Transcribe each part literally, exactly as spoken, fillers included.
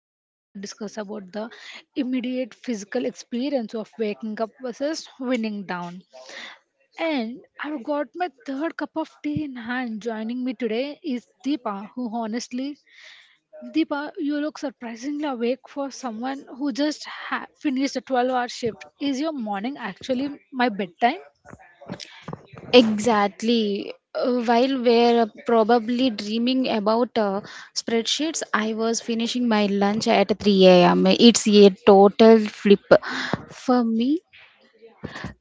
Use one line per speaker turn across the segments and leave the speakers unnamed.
we are gonna discuss about the immediate physical experience of waking up versus winning down. And I've got my third cup of tea in hand. Joining me today is Deepa, who honestly, Deepa, you look surprisingly awake for someone who just ha- finished a twelve hour shift. Is your morning actually my bedtime?
Exactly. Uh, while we're probably dreaming about uh, spreadsheets, I was finishing my lunch at three a m. It's a total flip for me.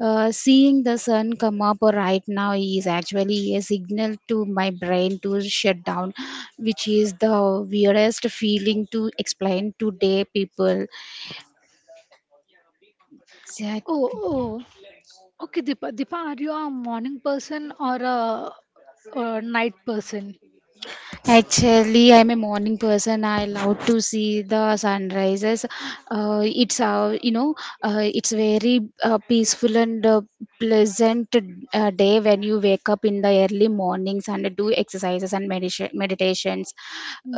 Uh, seeing the sun come up right now is actually a signal to my brain to shut down, which is the weirdest feeling to explain to day people.
Oh,
Exactly.
oh. Okay, Deepa, Deepa, are you a morning person or a, a night person?
Actually, I'm a morning person. I love to see the sunrises. Uh, it's uh, you know, uh, it's very uh, peaceful and uh, pleasant uh, day when you wake up in the early mornings and do exercises and meditation meditations.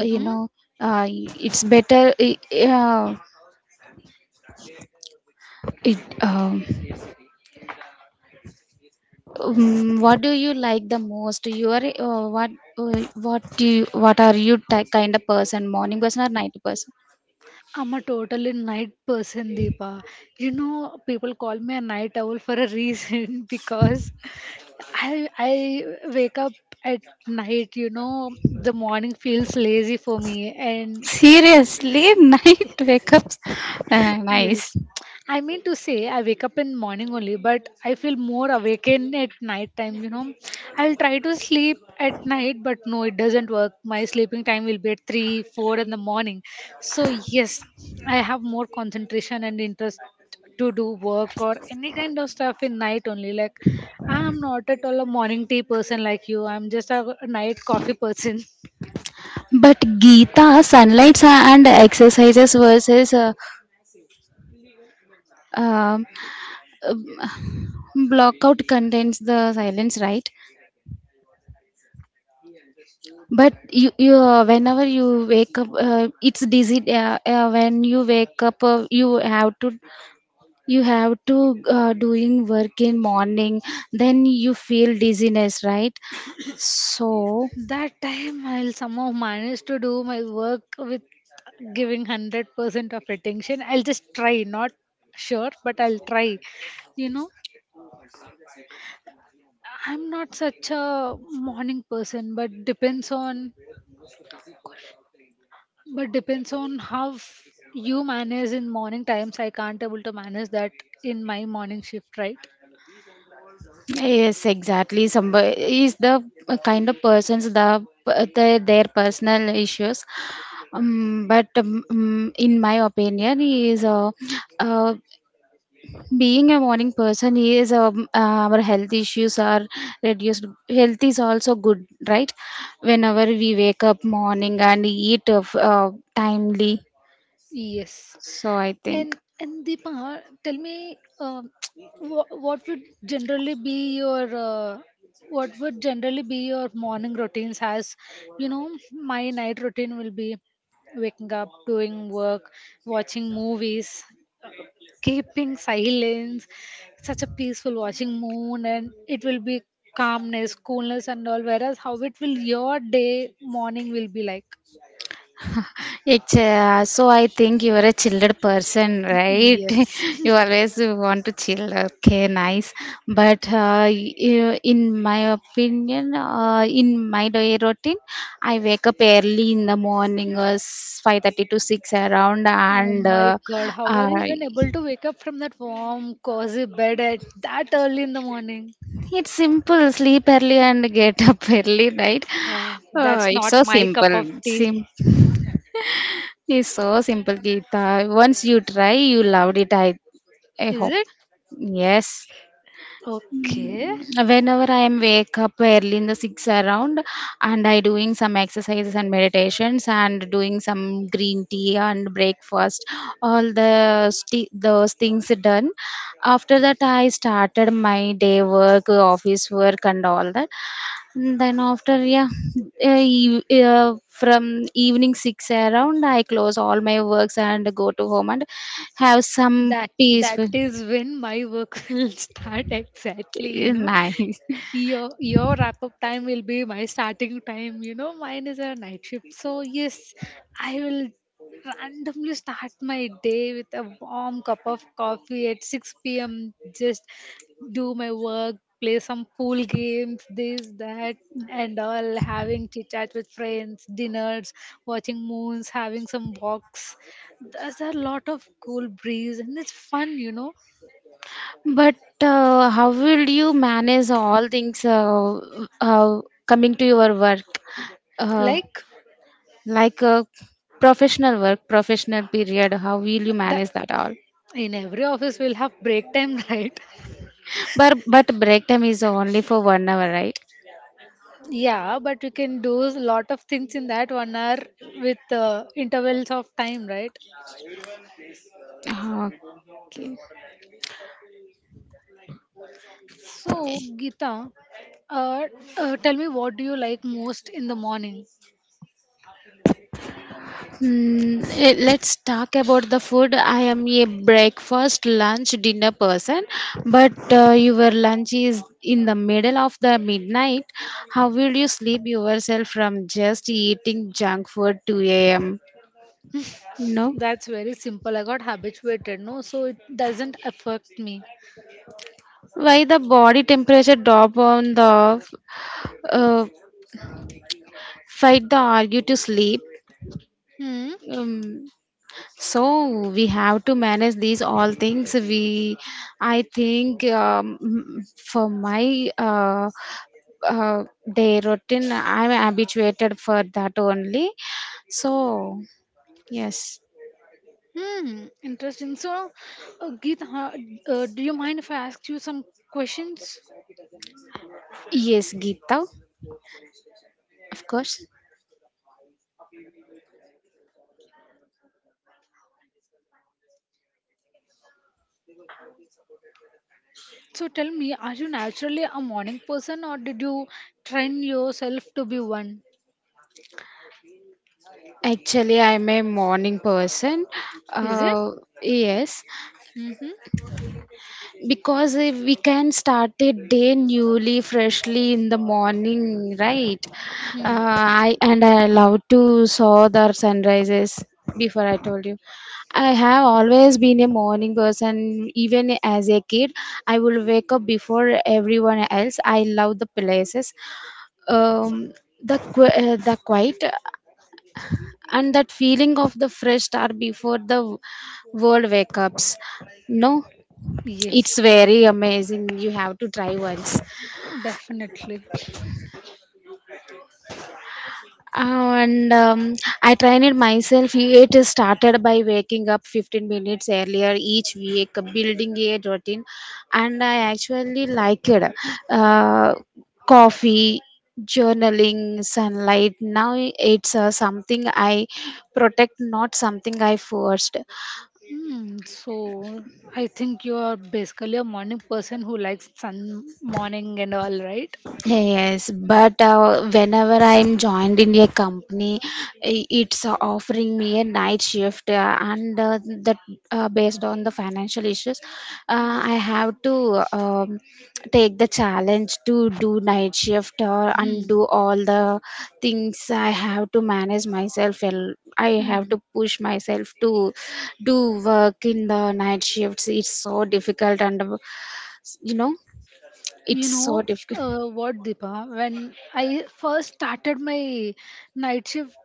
Uh, you know, uh, it's better. I- Uh, it um, um, what do you like the most? You are uh, what uh, what do you, what are you ty- kind of person? Morning person or night person?
I'm a totally night person, Deepa. You know, people call me a night owl for a reason because I I wake up at night. You know, the morning feels lazy for me, and
Seriously, night wake ups. Uh,
yes.
nice.
I mean to say I wake up in morning only, but I feel more awakened at night time, you know. I'll try to sleep at night, but no, it doesn't work. My sleeping time will be at three, four in the morning. So yes, I have more concentration and interest to do work or any kind of stuff in night only. Like I'm not at all a morning tea person like you. I'm just a night coffee person.
But Gita, sunlights and exercises versus uh, um blockout contains the silence, right? But you, you uh, whenever you wake up, uh, it's dizzy. Uh, uh, when you wake up, uh, you have to you have to uh, doing work in morning. Then you feel dizziness, right? So.
That time I'll somehow manage to do my work with giving one hundred percent of attention. I'll just try, not sure, but I'll try. You know, I'm not such a morning person, but depends on but depends on how f- you manage in morning times. I can't able to manage that in my morning shift, right?
Yes, exactly. Somebody is the kind of persons the, the their personal issues. Um, but um, um, in my opinion, he is a, uh, being a morning person. He is um, uh, Our health issues are reduced. Health is also good, right? Whenever we wake up morning and eat of, uh, timely.
Yes,
So I think.
and and Deepa, tell me, um, what what would generally be your uh, what would generally be your morning routines? As you know, my night routine will be waking up, doing work, watching movies, keeping silence. Such a peaceful watching moon, and it will be calmness, coolness, and all. Whereas how it will your day morning will be like?
It's uh, so I think you are a chilled person, right?
Yes.
You always want to chill. Okay, nice. But uh, you, in my opinion, uh, in my day routine, I wake up early in the morning, uh, five thirty to six around,
Oh
and
my
uh,
god, how are
uh,
you even able to wake up from that warm, cozy bed at that early in the morning?
it's simple: sleep early and get up early, right?
Uh,
Uh,
that's
it's
not
so
my cup of
simple.
tea,
Sim, it's so simple, Geeta. Once you try, you loved it. I, I
is
hope.
it?
Yes.
Okay,
Mm, whenever I am wake up early in the six around and I doing some exercises and meditations and doing some green tea and breakfast, all the sti those things done. After that, I started my day work, office work, and all that. And then after, yeah, uh, eve- uh, from evening six around, I close all my works and go to home and have some
that that
peaceful.
is when my work will start exactly, you know.
Nice.
your your wrap up time will be my starting time, you know, mine is a night shift, so yes, I will randomly start my day with a warm cup of coffee at six p.m., just do my work, play some pool games, this, that, and all, having chit chat with friends, dinners, watching moons, having some walks. There's a lot of cool breeze and it's fun, you know.
But uh, how will you manage all things uh, uh, coming to your work, uh,
Like
like uh, professional work, professional period? How will you
that,
manage that all?
in every office we'll have break time, right?
But but break time is only for one hour, right?
Yeah, but you can do a lot of things in that one hour with uh, intervals of time, right?
Okay.
So, Gita, uh, uh, tell me, what do you like most in the morning?
Hmm, eh, let's talk about the food. I am a breakfast, lunch, dinner person, but uh, your lunch is in the middle of the midnight. How will you sleep yourself from just eating junk food two a m? No.
That's very simple. I got habituated, no, so it doesn't affect me.
Why the body temperature drop on the uh, fight the argue to sleep?
Hmm.
Um, so we have to manage these all things we I think um, m- for my uh, uh, day routine I'm habituated for that only, so yes.
Hmm, interesting. So, uh, Geet, uh, uh, do you mind if I ask you some questions?
Yes, Geeta, of course.
So, tell me, are you naturally a morning person or did you train yourself to be one?
Actually, I'm a morning person,
Is it?
uh, yes,
Mm-hmm.
because if we can start a day newly freshly in the morning, right,
Hmm.
uh, I and I love to saw the sunrises. Before I told you, I have always been a morning person, even as a kid. I will wake up before everyone else. I love the places, um, the qu- uh, the quiet and that feeling of the fresh start before the world wake ups. No, it's
Yes,
very amazing. You have to try once.
definitely.
Uh, and um, I train it myself. It is started by waking up fifteen minutes earlier each week, building a routine, and I actually like it. Uh, coffee, journaling, sunlight now. It's uh, something I protect, not something I forced.
Hmm, so I think you are basically a morning person who likes sun morning and all, right?
Yes, but uh, whenever I'm joined in a company, i- it's uh, offering me a night shift, uh, and uh, that uh, based on the financial issues, uh, I have to um, take the challenge to do night shift or and
Hmm.
do all the things. I have to manage myself, and I have
Hmm.
to push myself to do work in the night shifts. It's so difficult, and uh, you know,
You
it's so
know
difficult.
uh, what, Deepa? When I first started my night shift,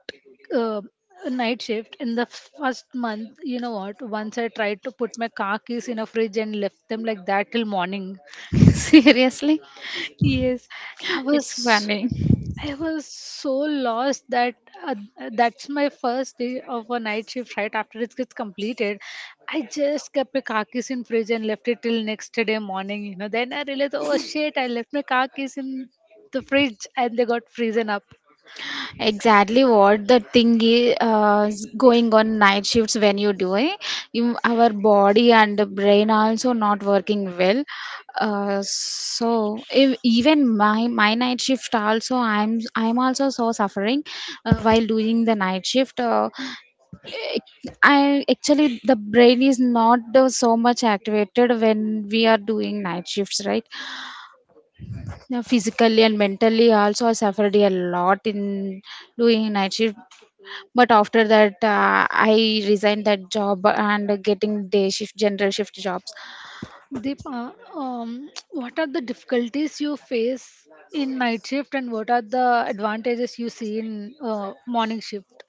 uh, night shift in the first month, you know what? Once I tried to put my car keys in a fridge and left them like that till morning.
Seriously,
Yes, I
it's
was.
funny.
I was so lost that uh, that's my first day of a night shift right after it gets completed. I just kept my car keys in fridge and left it till next day morning. You know, then I realized, oh shit, I left my car keys in the fridge and they got frozen up.
Exactly what the thing is uh, going on night shifts when you do it. You, our body and the brain are also not working well. Uh, so ev- even my my night shift also I'm I'm also so suffering uh, while doing the night shift. Uh, I actually the brain is not uh, so much activated when we are doing night shifts, right? Now physically and mentally also I suffered a lot in doing night shift. But after that, uh, I resigned that job and getting day shift, general shift jobs.
Deepa, um, what are the difficulties you face in night shift and what are the advantages you see in uh, morning shift?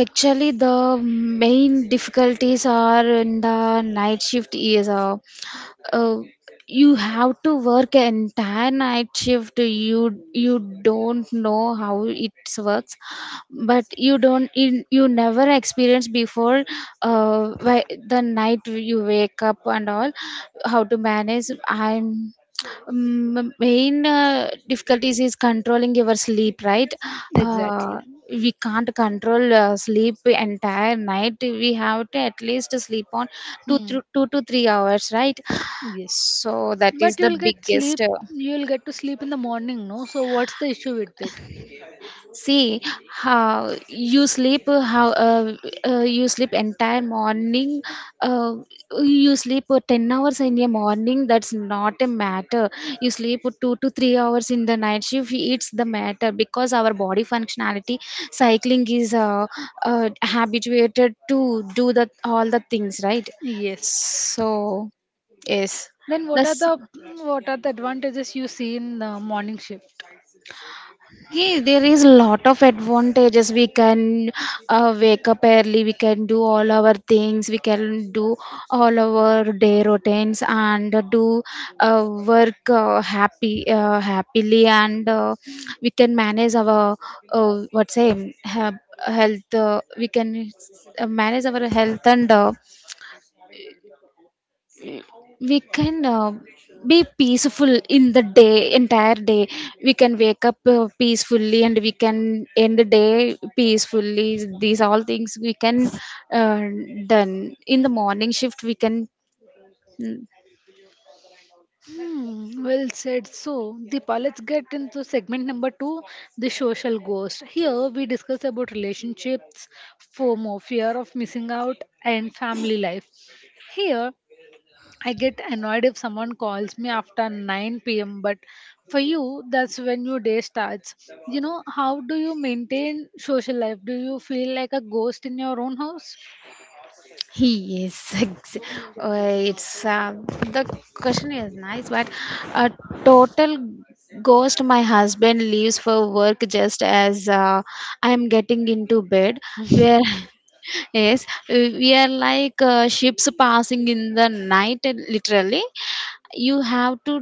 Actually, the main difficulties are in the night shift is uh, uh, you have to work an entire night shift. You you don't know how it works, but you don't you, you never experience before uh, why- the night you wake up and all, how to manage. I'm um, Main uh, difficulties is controlling your sleep, right? Uh,
Exactly.
we can't control uh, sleep entire night. We have to at least sleep on two,
Hmm.
thro- two to three hours, right?
Yes.
So that is
But
the
you'll get
biggest.
sleep.
Uh,
You'll get to sleep in the morning, no? So what's the issue with it?
see how you sleep, uh, how uh, uh, you sleep entire morning. Uh, you sleep uh, ten hours in a morning. That's not a matter. You sleep two to three hours in the night shift. It's the matter because our body functionality, cycling is uh, uh, habituated to do the all the things, right?
Yes.
So yes,
Then what are
that's.
the mm, what are the advantages you see in the morning shift?
Yeah, there is a lot of advantages. We can uh, wake up early, we can do all our things, we can do all our day routines and do uh, work uh, happy uh, happily, and uh, we can manage our uh, what's say health. Uh, we can uh, manage our health, and uh, we can uh, be peaceful in the day entire day. We can wake up uh, peacefully, and we can end the day peacefully. These all things we can uh, done in the morning shift. We can mm,
Hmm, well said. So, Deepa, let's get into segment number two, the social ghost. Here we discuss about relationships, FOMO, fear of missing out, and family life. Here, I get annoyed if someone calls me after nine p m. But for you, that's when your day starts. You know, how do you maintain social life? Do you feel like a ghost in your own house?
he is. ex- uh, It's uh, the question is nice, but a total ghost. My husband leaves for work just as uh, I am getting into bed. Where yes, we are like uh, ships passing in the night, literally. You have to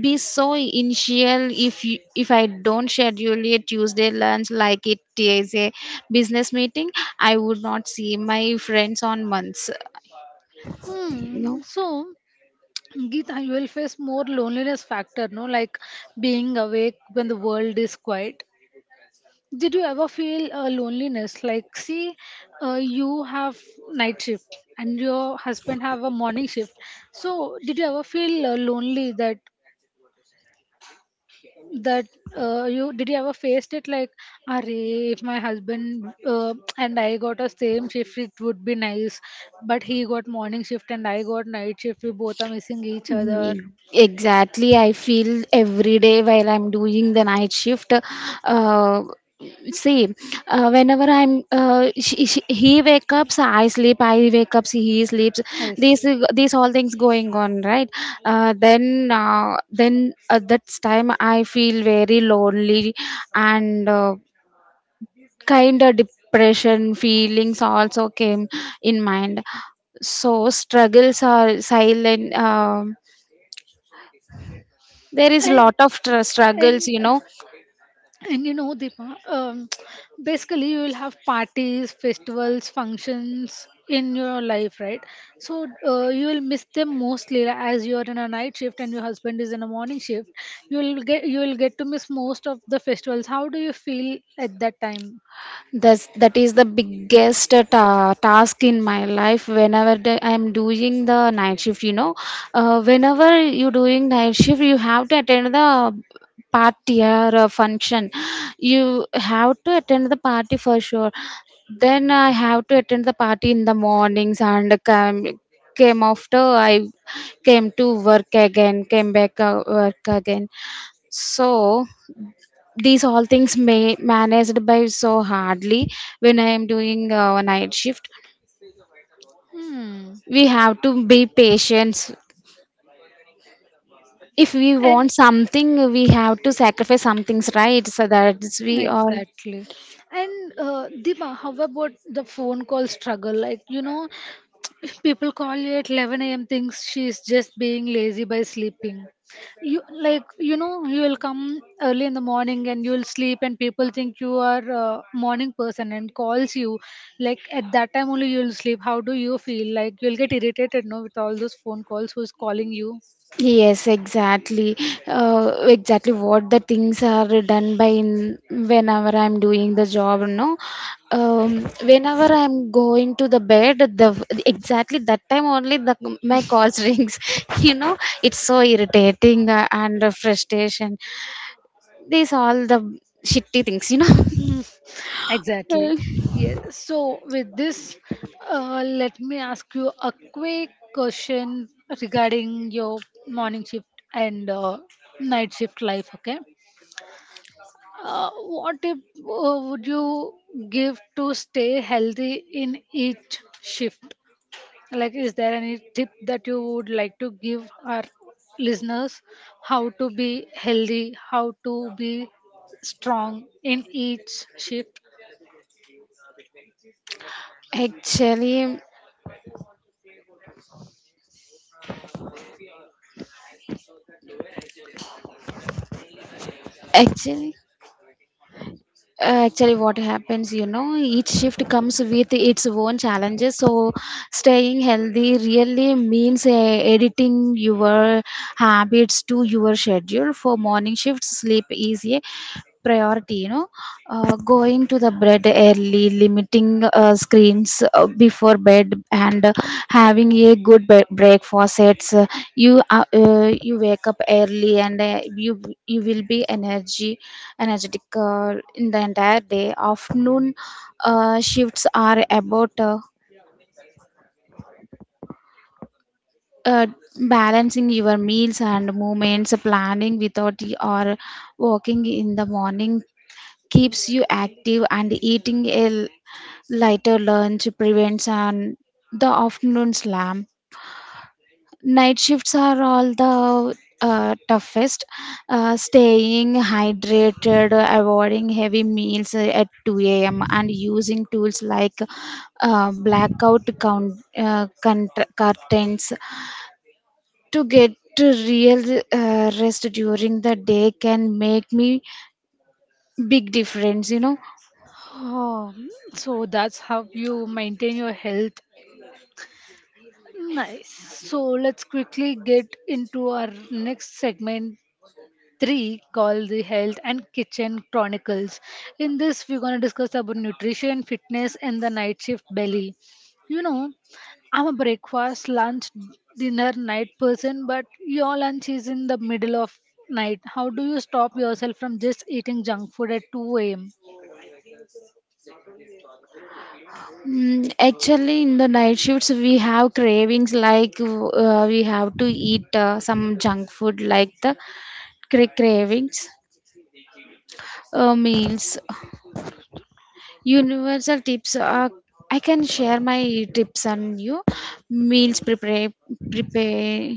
be so initial. If you, if I don't schedule a Tuesday lunch like it is a business meeting, I would not see my friends on months, you know.
Hmm. So, Geeta, you will face more loneliness factor, no? Like being awake when the world is quiet, did you ever feel uh, loneliness? Like, see, uh, you have night shift and your husband have a morning shift. So, did you ever feel uh, lonely? That that uh, you, did you ever faced it? Like, are if my husband uh, and I got a same shift, it would be nice. But he got morning shift and I got night shift. We both are missing each other.
Ye- exactly, I feel every day while I'm doing the night shift. Uh, see, uh, whenever i'm uh, she, she, he wake up so I sleep, I wake up so he sleeps.
Yes.
these these all things going on, right? Uh, then uh, then at that time I feel very lonely, and uh, kind of depression feelings also came in mind. So struggles are silent. Um there is
And
lot of tr- struggles,
and
you know.
and you know, Deepa, um, basically you will have parties, festivals, functions in your life, right? So uh, you will miss them mostly, like, as you are in a night shift and your husband is in a morning shift. You will get you will get to miss most of the festivals. How do you feel at that time?
That's that is the biggest uh, ta- task in my life whenever the, I'm doing the night shift, you know. Uh, whenever you doing night shift, you have to attend the party or a function. You have to attend the party for sure. Then I have to attend the party in the mornings and come came after i came to work again, came back uh, work again. So these all things may managed by so hardly when I am doing uh, night shift.
Hmm.
We have to be patient. If we
And
want something, we have to sacrifice some things, right? So that's
hmm,
we all.
exactly. And uh, Dima, how about the phone call struggle? Like, you know, if people call you at eleven a m, thinks she's just being lazy by sleeping. You, like, you know, you will come early in the morning and you'll sleep, and people think you are a morning person and calls you. Like at that time only you'll sleep. How do you feel? Like you'll get irritated, no, with all those phone calls. Who's calling you?
Yes, exactly. Uh, exactly what the things are done by in whenever I'm doing the job, no. Um, whenever I'm going to the bed, the exactly that time only the my calls rings. You know, it's so irritating uh, and uh, frustration. These all the shitty things, you know.
exactly. Yes. So with this, uh, let me ask you a quick question regarding your morning shift and uh, night shift life. Okay. Uh, what tip uh, would you give to stay healthy in each shift? Like, is there any tip that you would like to give our listeners, how to be healthy, how to be strong in each shift?
Actually, actually. Uh, actually what happens, you know, each shift comes with its own challenges. So staying healthy really means uh, editing your habits to your schedule. For morning shifts, sleep is a priority you know uh, Going to the bed early, limiting uh, screens uh, before bed, and uh, having a good be- breakfast sets uh, you uh, uh, you wake up early, and uh, you you will be energy energetic uh, in the entire day. Afternoon uh, shifts are about uh, uh, balancing your meals and movements, planning without y- or walking in the morning keeps you active, and eating a l- lighter lunch prevents an the afternoon slam. Night shifts are all the uh, toughest. Uh, staying hydrated, avoiding heavy meals uh, at two a.m, and using tools like uh, blackout count, uh, cont- curtains to get to real uh, rest during the day can make me big difference you know
Oh, hmm. So that's how you maintain your health. Nice. So let's quickly get into our next segment three, called the health and kitchen chronicles. In this we're going to discuss about nutrition, fitness, and the night shift belly. You know, I'm a breakfast, lunch, dinner, night person, but your lunch is in the middle of night. How do you stop yourself from just eating junk food at two a.m.?
Mm. Actually, in the night shifts, we have cravings, like uh, we have to eat uh, some junk food, like the cra- cravings, uh, meals. Universal tips are, I can share my tips on you. Meals prepare, prepare.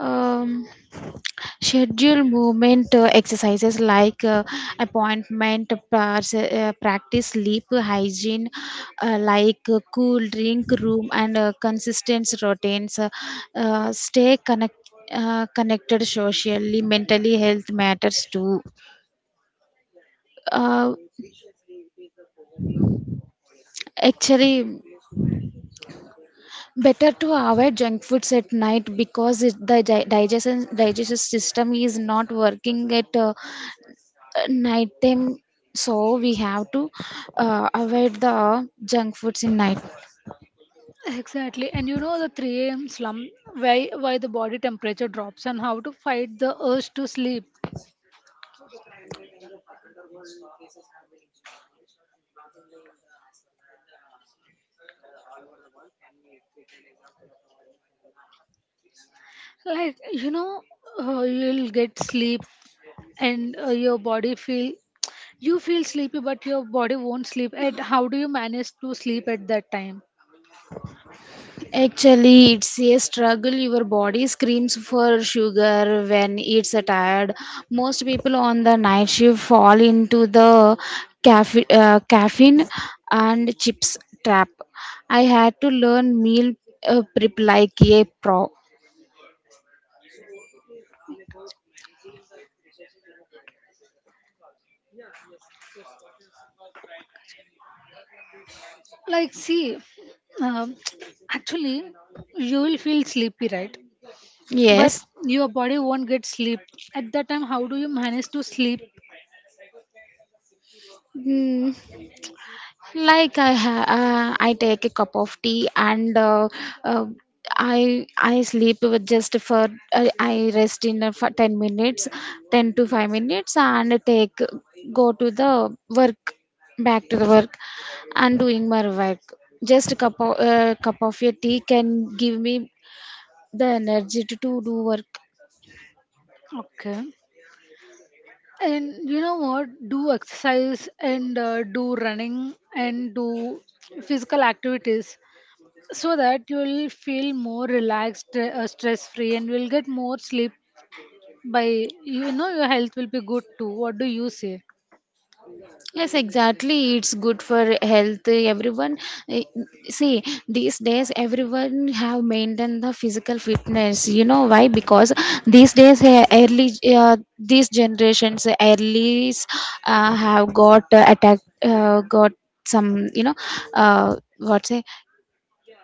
Um, schedule movement uh, exercises, like uh, appointment pars- uh, practice sleep hygiene, uh, like uh, cool drink room, and uh, consistent routines. Uh, uh, stay connect, uh, connected socially. Mentally health matters too. uh, Actually better to avoid junk foods at night, because it, the di- digestion digestive system is not working at uh, uh, night time, so we have to uh, avoid the junk foods in night.
Exactly. And you know the three a m slump, why why the body temperature drops and how to fight the urge to sleep. Like you know, uh, you'll get sleep and uh, your body feel, you feel sleepy but your body won't sleep. And how do you manage to sleep at that time?
Actually it's a struggle. Your body screams for sugar when it's uh, tired. Most people on the night shift fall into the caffeine, uh, caffeine and chips trap. I had to learn meal uh, prep like a pro.
Like see, um, actually you will feel sleepy, right? But
Yes.
your body won't get sleep. At that time, how do you manage to sleep?
Hmm. Like i ha- uh, I take a cup of tea, and uh, uh, i I sleep with just for i, I rest in uh, for ten minutes, ten to five minutes, and take go to the work, back to the work, and doing my work. Just a cup of uh, cup of your tea can give me the energy to, to do work.
Okay. And you know what? Do exercise and uh, do running and do physical activities so that you will feel more relaxed, uh, stress free, and will get more sleep. By, you know, your health will be good too. What do you say?
Yes, exactly. It's good for health. Everyone, eh, see, these days everyone have maintained the physical fitness. You know why? Because these days, eh, early, uh, these generations, earlys, uh, have got uh, attack, uh, got some, you know, uh, what's it?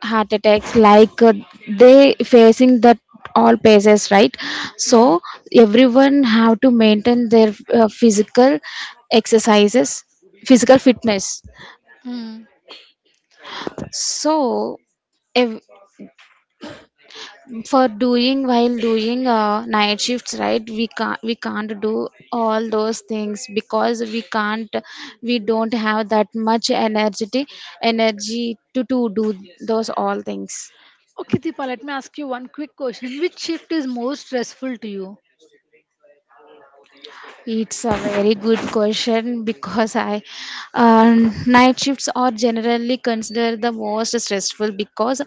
Heart attacks, like uh, they facing that all phases, right? So
Mm.
everyone have to maintain their uh, physical exercises, physical fitness.
Mm.
So, if, for doing while doing uh, night shifts, right, we can't we can't do all those things, because we can't, we don't have that much energy energy to, to do those all things.
Okay, Deepa, let me ask you one quick question. Which shift is more stressful to you?
It's a very good question, because I uh, night shifts are generally considered the most stressful, because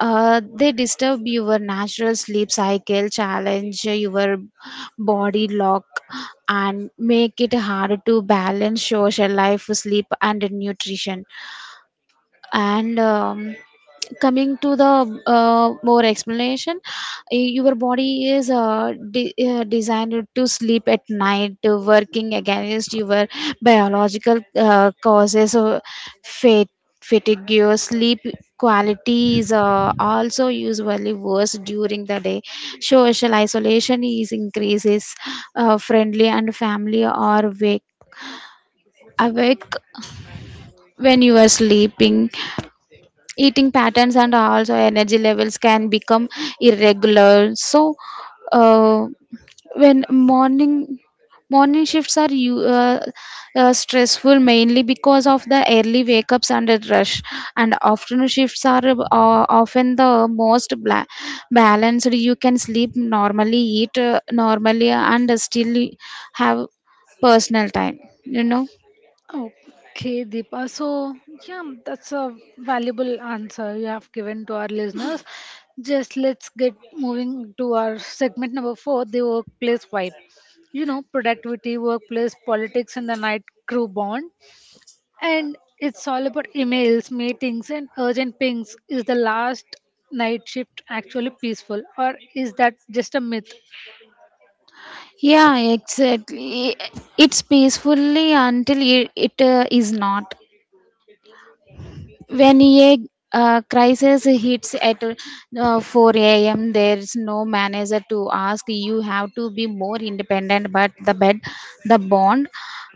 uh, they disturb your natural sleep cycle, challenge your body lock, and make it hard to balance social life, sleep, and nutrition. And um, coming to the uh, more explanation, y- your body is uh, de- uh, designed to sleep at night. Uh, working against your biological uh, causes of fat- fatigue. Your sleep quality is uh, also usually worse during the day. Social isolation is increases. Uh, friendly and family are wake awake when you are sleeping. Eating patterns and also energy levels can become irregular. So uh, when morning, morning shifts are you uh, uh, stressful, mainly because of the early wake ups and the rush. And afternoon shifts are uh, often the most bla- balanced. You can sleep normally, eat uh, normally, and still have personal time you know
Okay, Deepa. So, yeah, that's a valuable answer you have given to our listeners. Just let's get moving to our segment number four, the workplace vibe. You know, productivity, workplace politics, and the night crew bond. And it's all about emails, meetings, and urgent pings. Is the last night shift actually peaceful, or is that just a myth?
Yeah, exactly. It's peacefully until it, it uh, is not. When a uh, crisis hits at uh, four a m, there's no manager to ask. You have to be more independent, but the bed, the bond,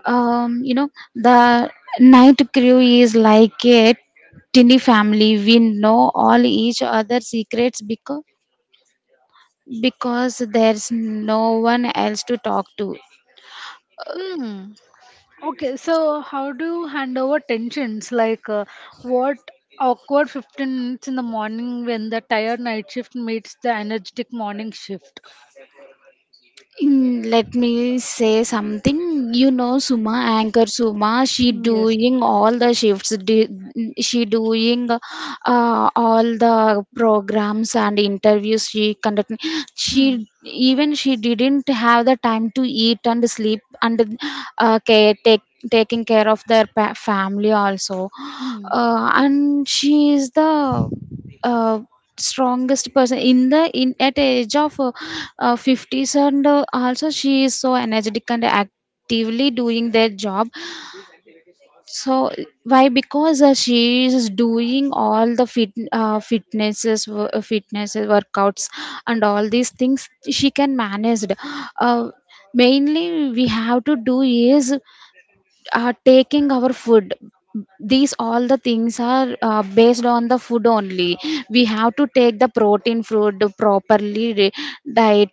um, you know, the night crew is like a tiny family. We know all each other's secrets, because because there's no one else to talk to.
Hmm. Okay, so how do you hand over tensions? Like, uh, what awkward fifteen minutes in the morning when the tired night shift meets the energetic morning shift?
Mm, let me say something you know suma anchor Suma, she
Mm, yes.
doing all the shifts. Do- she doing uh, all the programs and interviews she conducting. She
Hmm.
even she didn't have the time to eat and sleep, and uh, care take taking care of their pa- family also.
Hmm.
Uh, and she is the uh, strongest person in the in at age of uh, uh, fifties, and uh, also she is so energetic and actively doing their job. So why? Because uh, she is doing all the fit uh, fitnesses wo- uh, fitnesses workouts, and all these things she can manage. uh, Mainly we have to do is uh, taking our food. These all the things are uh, based on the food only. We have to take the protein food properly, re- diet.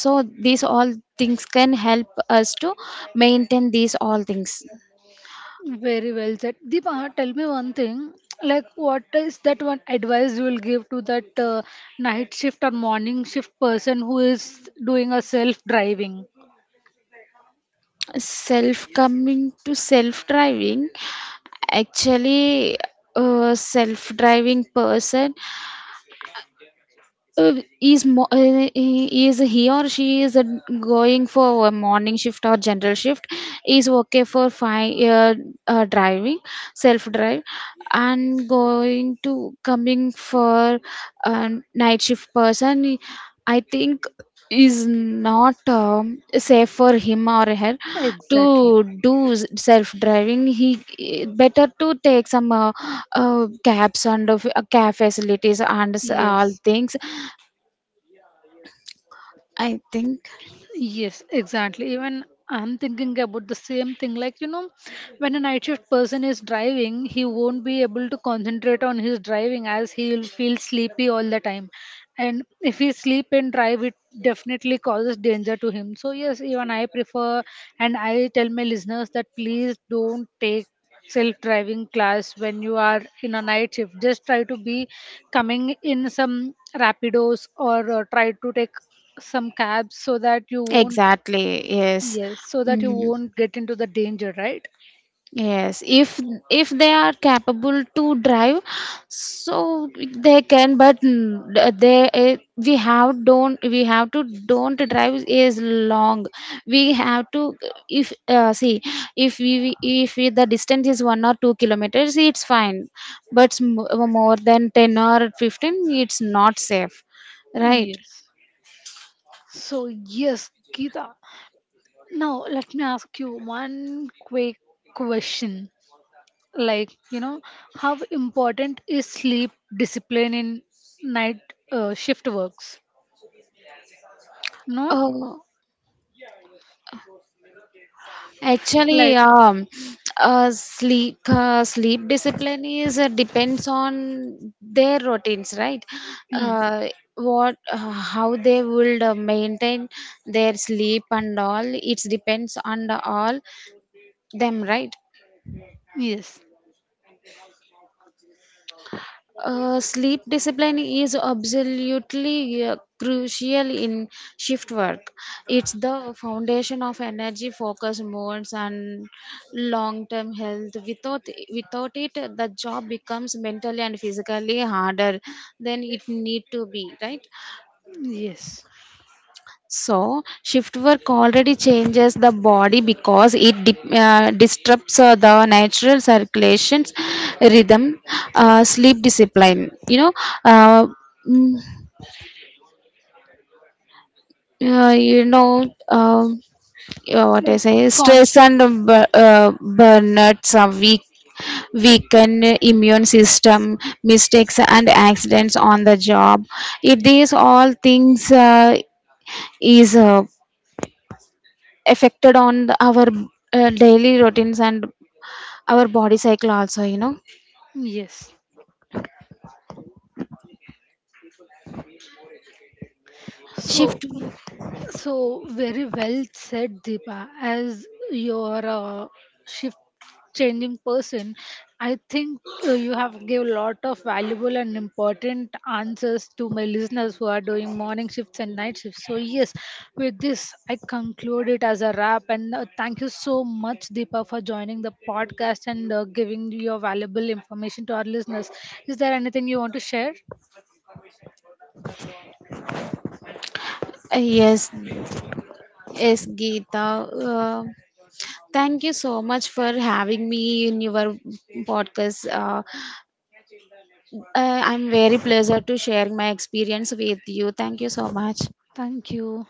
So these all things can help us to maintain these all things.
Very well said. Deepa, tell me one thing. Like, what is that one advice you will give to that uh, night shift or morning shift person who is doing a self driving?
Self, coming to self driving. Actually, a self driving person, uh, is mo- uh, uh, is he or she is uh, going for a morning shift or general shift, is okay for fine uh, uh, driving, self drive. And going to coming for a night shift person, I think is not um, safe for him or her to
Exactly.
do self driving. He better to take some uh, uh, cabs, and uh, cab facilities and s- all
Yes.
things, I think.
Yes, exactly. Even I'm thinking about the same thing. Like, you know, when a night shift person is driving, he won't be able to concentrate on his driving as he'll feel sleepy all the time. And if he sleep and drive, it definitely causes danger to him. So, yes, even I prefer and I tell my listeners that please don't take self driving class when you are in a night shift. Just try to be coming in some rapidos or uh, try to take some cabs so that you won't.
Exactly. Yes.
Yes, so that you
Mm.
won't get into the danger, right?
Yes, if if they are capable to drive, so they can. But n- they, eh, we have don't, we have to don't drive is long. We have to, if uh, see, if we if we, the distance is one or two kilometers, it's fine. But s- mo- more than ten or fifteen, it's not safe, right?
Yes. So yes, Geeta, now let me ask you one quick question. Like, you know, how important is sleep discipline in night uh, shift works, no?
Oh. Actually,
Like,
um, uh, sleep uh, sleep discipline is uh, depends on their routines, right?
mm,
Uh, what uh, how they will uh, maintain their sleep and all. It depends on the all them, right?
yes.
Uh, sleep discipline is absolutely uh, crucial in shift work. It's the foundation of energy, focus, moods, and long-term health. Without without it, the job becomes mentally and physically harder than it need to be, right?
Yes.
So, shift work already changes the body, because it dip, uh, disrupts uh, the natural circulations, rhythm, uh, sleep discipline. You know, uh, mm, uh, you know um, uh, what I
Like,
say.
cons—
Stress and bu- uh, burnouts are weak weaken immune system, mistakes and accidents on the job. It, these all things uh, is uh, affected on the- our uh, daily routines and our body cycle also you know
yes. So,
Shift.
so very well said, Deepa. As your uh, shift changing person, I think uh, you have gave a lot of valuable and important answers to my listeners who are doing morning shifts and night shifts. So, yes, with this, I conclude it as a wrap. And uh, thank you so much, Deepa, for joining the podcast and uh, giving your valuable information to our listeners. Is there anything you want to share?
Uh, yes, yes, Geeta. uh, Thank you so much for having me in your podcast. uh, uh, I'm very pleasure to share my experience with you. Thank you so much.
Thank you.